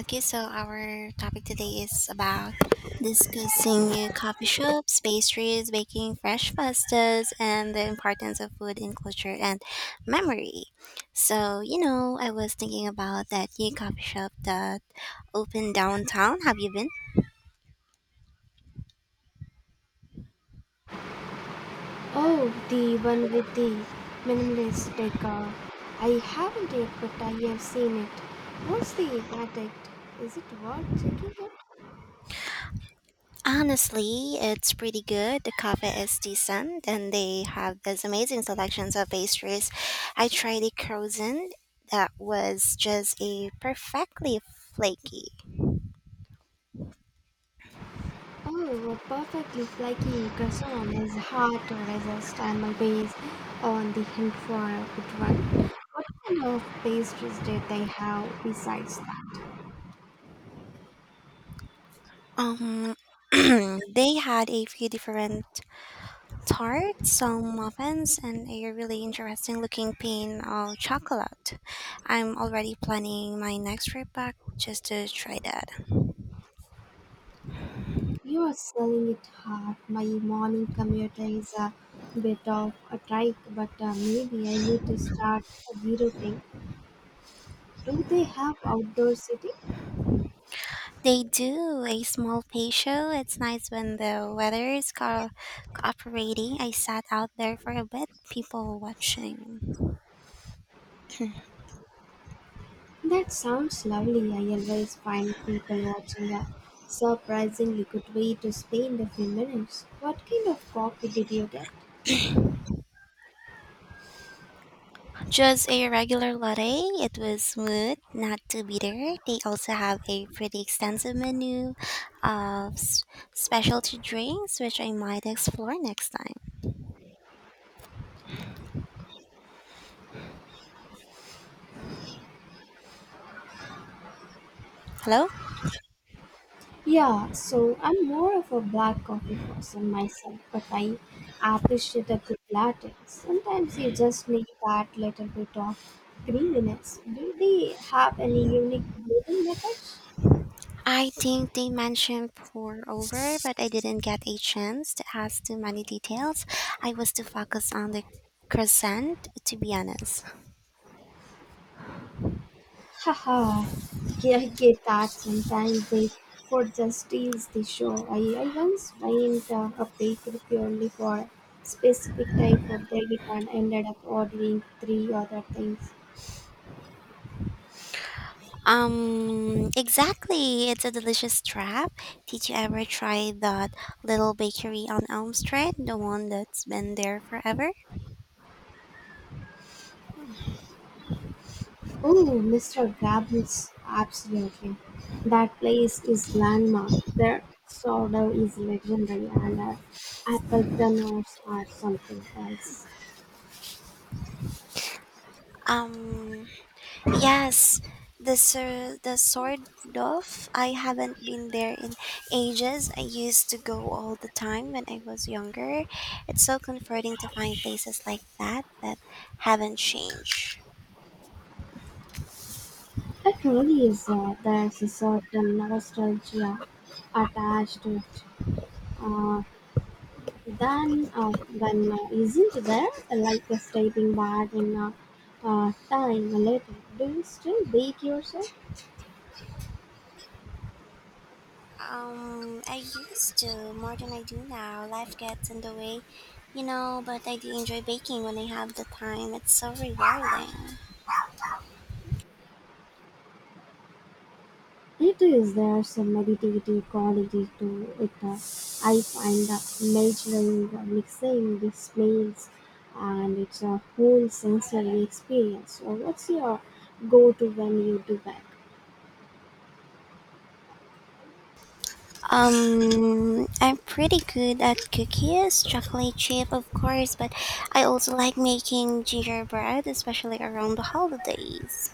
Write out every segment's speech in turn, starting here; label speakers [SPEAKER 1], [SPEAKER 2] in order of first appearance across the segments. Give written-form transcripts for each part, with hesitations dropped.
[SPEAKER 1] Okay, so our topic today is about discussing coffee shops, pastries, baking fresh pastas, and the importance of food in culture and memory. So, you know, I was thinking about that new coffee shop that opened downtown. Have you been?
[SPEAKER 2] Oh, the one with the minimalist decor. I haven't yet, but I have seen it. What's the verdict? Is it worth checking out?
[SPEAKER 1] Honestly, it's pretty good. The coffee is decent, and they have these amazing selections of pastries. I tried the croissant that was just a perfectly flaky.
[SPEAKER 2] Oh, a perfectly flaky croissant is hard to resist. I'm always on the hunt for a good one. What kind of pastries did they have besides that?
[SPEAKER 1] Um, they had a few different tarts, some muffins, and a really interesting looking pane of chocolate. I'm already planning my next trip back just to try that.
[SPEAKER 2] You are selling it hard. My morning commute is a bit of a trike, but maybe I need to start a zero thing. Do they have outdoor seating?
[SPEAKER 1] They do a small pay show. It's nice when the weather is cooperating. I sat out there for a bit, people watching.
[SPEAKER 2] That sounds lovely. I always find people watching a surprisingly good way to spend a few minutes. What kind of coffee did you get?
[SPEAKER 1] Just a regular latte. It was smooth, not too bitter. They also have a pretty extensive menu of specialty drinks, which I might explore next time. Hello?
[SPEAKER 2] Yeah, so I'm more of a black coffee person myself, but I appreciate a good latte. Sometimes you just need that little bit of creaminess. Do they have any unique blending methods?
[SPEAKER 1] I think they mentioned pour over, but I didn't get a chance to ask too many details. I was too focused on the crescent, to be honest.
[SPEAKER 2] Haha, I get that sometimes they for just tease the show. I once went a bakery purely for specific type of bread and ended up ordering three other things.
[SPEAKER 1] Exactly. It's a delicious trap. Did you ever try that little bakery on Elm Street, the one that's been there forever?
[SPEAKER 2] Oh, Mr. Gabbles, absolutely. That place is landmark. Their sourdough is legendary and apple turnovers are something else.
[SPEAKER 1] Um, yes, the sort of. I haven't been there in ages. I used to go all the time when I was younger. It's so comforting to find places like that that haven't changed.
[SPEAKER 2] It really is. There's a certain nostalgia attached to it. Uh, then isn't there like a stepping back in time a little, do you still bake yourself?
[SPEAKER 1] I used to more than I do now. Life gets in the way, you know, but I do enjoy baking when I have the time. It's so rewarding.
[SPEAKER 2] It is there some meditative quality to it. I find measuring, mixing, the smells, and it's a whole sensory experience. So what's your go-to when you do that?
[SPEAKER 1] I'm pretty good at cookies, chocolate chip, of course, but I also like making gingerbread, especially around the holidays.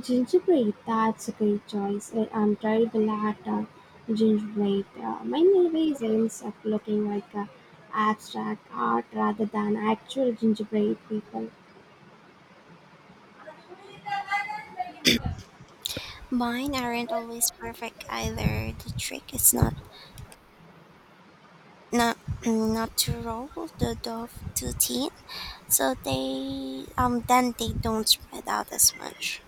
[SPEAKER 2] Gingerbread, that's a great choice. I'm terrible at gingerbread. Mine always ends up looking like abstract art rather than actual gingerbread people.
[SPEAKER 1] Mine aren't always perfect either. The trick is not not to roll the dough too thin, so they then they don't spread out as much.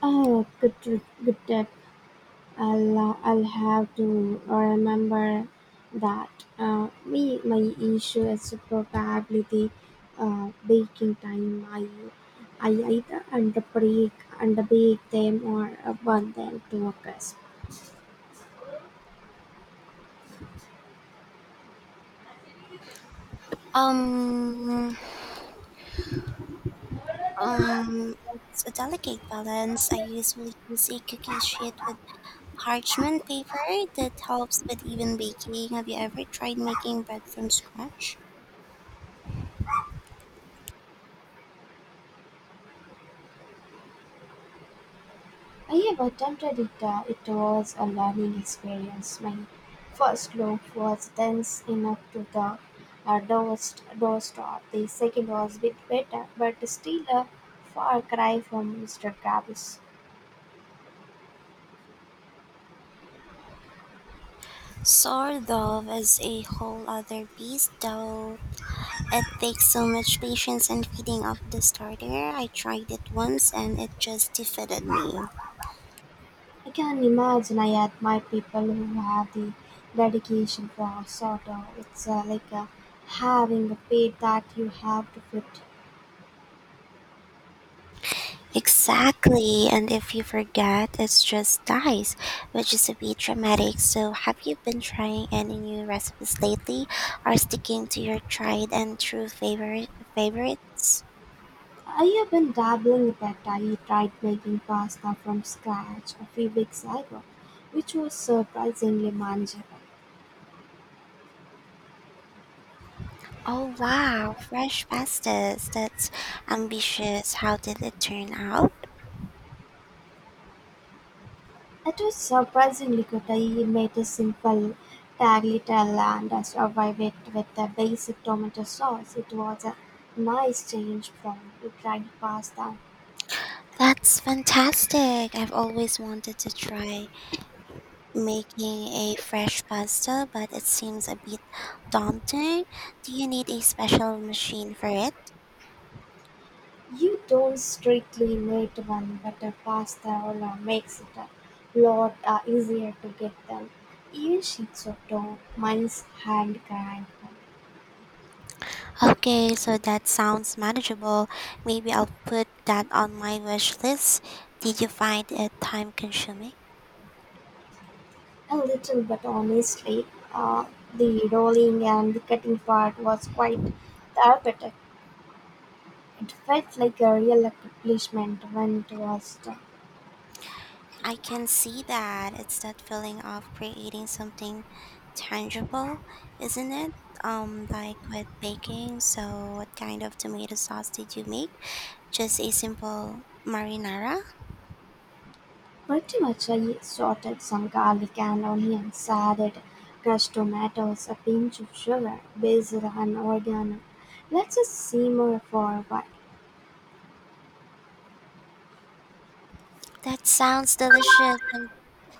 [SPEAKER 2] Oh, good, good tip. I'll have to remember that. My issue is probably the baking time. I either underbake, underbake them or burn them to a crisp.
[SPEAKER 1] Um, it's a delicate balance. I usually use a cookie sheet with parchment paper that helps with even baking. Have you ever tried making bread from scratch?
[SPEAKER 2] I have attempted it. It was a learning experience. My first loaf was dense enough to the doorstop. The second was a bit better, but still a far cry from Mr. Travis.
[SPEAKER 1] Sourdough is a whole other beast, though. It takes so much patience and feeding of the starter. I tried it once and it just defeated me.
[SPEAKER 2] I can imagine. I admire people who have the dedication for a sort of. It's like having a pet that you have to fit.
[SPEAKER 1] Exactly, and if you forget, it just dies, which is a bit dramatic. So, have you been trying any new recipes lately, or sticking to your tried and true favorites?
[SPEAKER 2] I've been dabbling a bit. I tried making pasta from scratch a few weeks ago, which was surprisingly manageable.
[SPEAKER 1] Oh wow, fresh pastas! That's ambitious. How did it turn out?
[SPEAKER 2] It was surprisingly good. I made a simple tagliatelle and I survived it with a basic tomato sauce. It was a nice change from the dried pasta.
[SPEAKER 1] That's fantastic. I've always wanted to try making a fresh pasta, but it seems a bit daunting. Do you need a special machine for it?
[SPEAKER 2] You don't strictly need one, but a pasta roller makes it a lot easier to get them. Even sheets of dough, mine's hand grind them.
[SPEAKER 1] Okay, so that sounds manageable. Maybe I'll put that on my wish list. Did you find it time consuming?
[SPEAKER 2] A little, but honestly, uh, the rolling and the cutting part was quite therapeutic. It felt like a real accomplishment when it was done.
[SPEAKER 1] I can see that. It's that feeling of creating something tangible, isn't it? Like with baking. So, what kind of tomato sauce did you make? Just a simple marinara?
[SPEAKER 2] Pretty much. I sorted some garlic and onions, added crushed tomatoes, a pinch of sugar, basil and oregano. Let's just simmer for a while.
[SPEAKER 1] That sounds delicious. And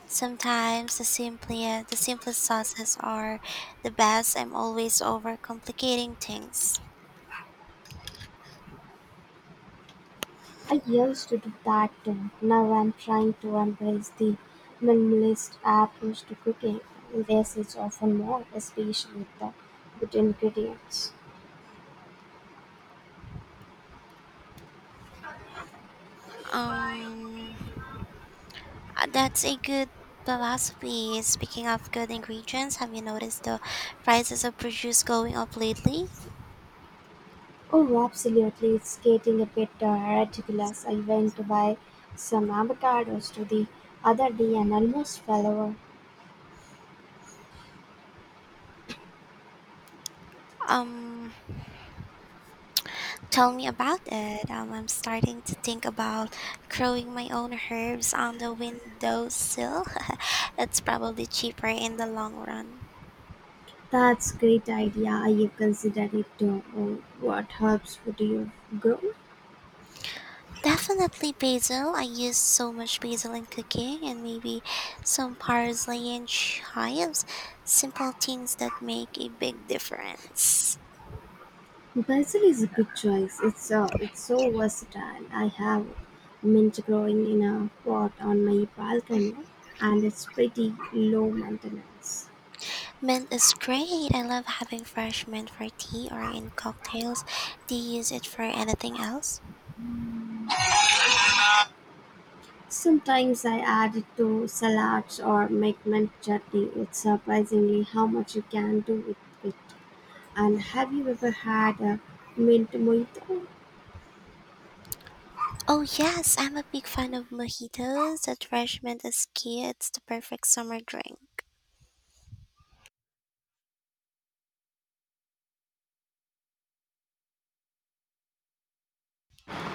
[SPEAKER 1] sometimes the simplest sauces are the best. I'm always overcomplicating things.
[SPEAKER 2] I used to do that too. Now I'm trying to embrace the minimalist approach to cooking. Less is often more, especially with the good ingredients.
[SPEAKER 1] Um, that's a good philosophy. Speaking of good ingredients, have you noticed the prices of produce going up lately?
[SPEAKER 2] Oh, absolutely. It's getting a bit ridiculous. I went to buy some avocados to the other day and almost fell over.
[SPEAKER 1] Um, Tell me about it. I'm starting to think about growing my own herbs on the windowsill. It's probably cheaper in the long run.
[SPEAKER 2] That's great idea. I considered it too. Oh, what herbs would you grow?
[SPEAKER 1] Definitely basil. I use so much basil in cooking and maybe some parsley and chives. Simple things that make a big difference.
[SPEAKER 2] Basil is a good choice. It's so versatile. I have mint growing in a pot on my balcony, and it's pretty low maintenance.
[SPEAKER 1] Mint is great. I love having fresh mint for tea or in cocktails. Do you use it for anything else?
[SPEAKER 2] Sometimes I add it to salads or make mint chutney. It's surprisingly how much you can do with it. And have you ever had a mint mojito?
[SPEAKER 1] Oh, yes, I'm a big fan of mojitos. That fresh mint is key. It's the perfect summer drink.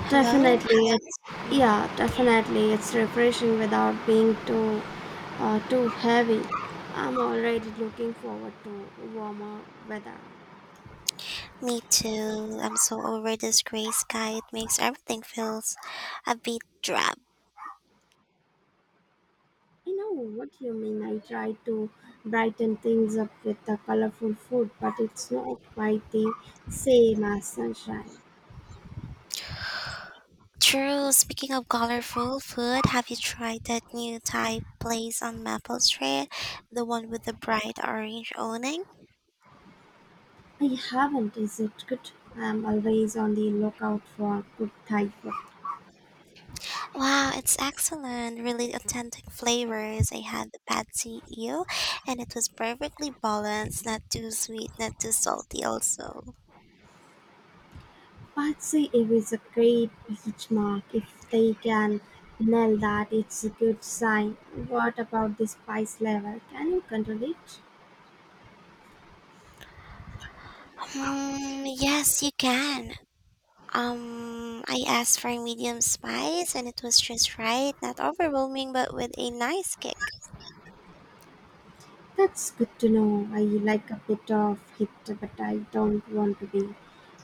[SPEAKER 1] Hello?
[SPEAKER 2] Definitely, it's
[SPEAKER 1] Yeah.
[SPEAKER 2] yeah, definitely, it's refreshing without being too heavy. I'm already looking forward to warmer weather.
[SPEAKER 1] Me too. I'm so over this gray sky. It makes everything feels a bit drab.
[SPEAKER 2] I know what you mean. I try to brighten things up with the colorful food, but it's not quite the same as sunshine.
[SPEAKER 1] True. Speaking of colorful food, have you tried that new Thai place on Maple Street? The one with the bright orange awning?
[SPEAKER 2] I haven't. Is it good? I'm always on the lookout for good Thai food.
[SPEAKER 1] Wow, it's excellent. Really authentic flavors. I had the pad eel, and it was perfectly balanced, not too sweet, not too salty also.
[SPEAKER 2] Patsy Eve is a great benchmark. If they can nail that, it's a good sign. What about the spice level? Can you control it?
[SPEAKER 1] Yes, you can. I asked for medium spice and it was just right, not overwhelming but with a nice kick.
[SPEAKER 2] That's good to know. I like a bit of heat, but I don't want to be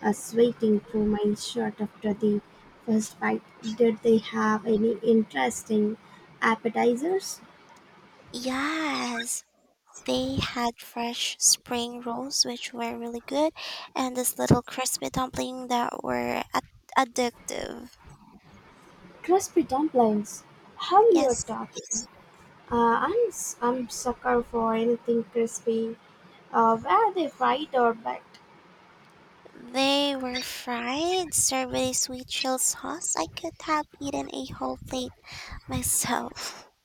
[SPEAKER 2] sweating through my shirt after the first bite. Did they have any interesting appetizers?
[SPEAKER 1] Yes, they had fresh spring rolls which were really good and this little crispy dumpling that were addictive.
[SPEAKER 2] Crispy dumplings. How you are
[SPEAKER 1] Yes.
[SPEAKER 2] talking? I'm sucker for anything crispy. Where they fight or bet?
[SPEAKER 1] They were fried, served with a sweet chill sauce. I could have eaten a whole plate myself.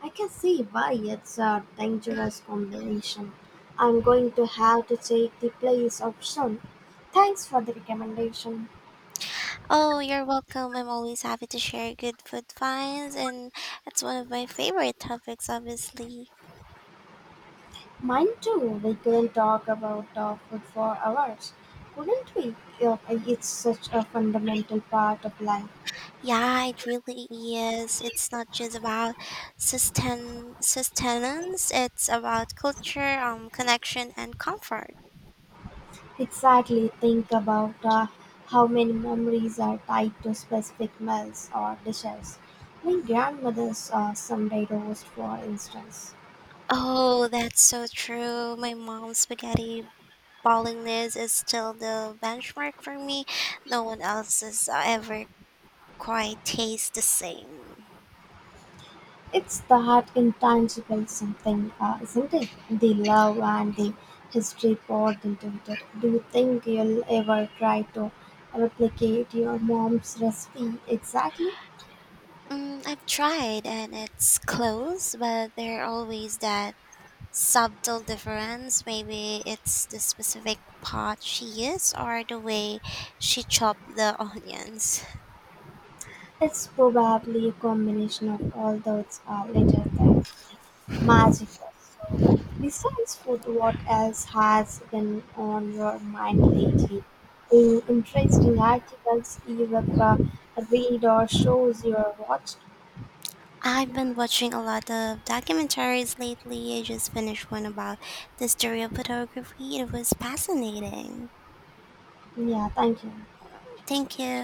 [SPEAKER 2] I can see why. It's a dangerous combination. I'm going to have to take the place of Sun. Thanks for the recommendation.
[SPEAKER 1] Oh, you're welcome. I'm always happy to share good food finds, and that's one of my favorite topics, obviously.
[SPEAKER 2] Mine too. We couldn't talk about food for hours, couldn't we? Uh, It's such a fundamental part of life.
[SPEAKER 1] Yeah, it really is. It's not just about sustain sustenance, it's about culture, connection, and comfort.
[SPEAKER 2] Exactly. Think about how many memories are tied to specific meals or dishes. My grandmother's Sunday roast, for instance.
[SPEAKER 1] Oh, that's so true. My mom's spaghetti bowling list is still the benchmark for me. No one else has ever quite taste the same.
[SPEAKER 2] It's that intangible something, isn't it? The love and the history poured into it. Do you think you'll ever try to replicate your mom's recipe exactly?
[SPEAKER 1] Mm, I've tried and it's close, but there are always that subtle difference. Maybe it's the specific pot she used or the way she chopped the onions.
[SPEAKER 2] It's probably a combination of all those little things. Magic. So, besides food, what else has been on your mind lately? Any interesting articles you have read or shows you have watched?
[SPEAKER 1] I've been watching a lot of documentaries lately. I just finished one about the history of photography. It was fascinating.
[SPEAKER 2] 你雅淡下
[SPEAKER 1] Thank you.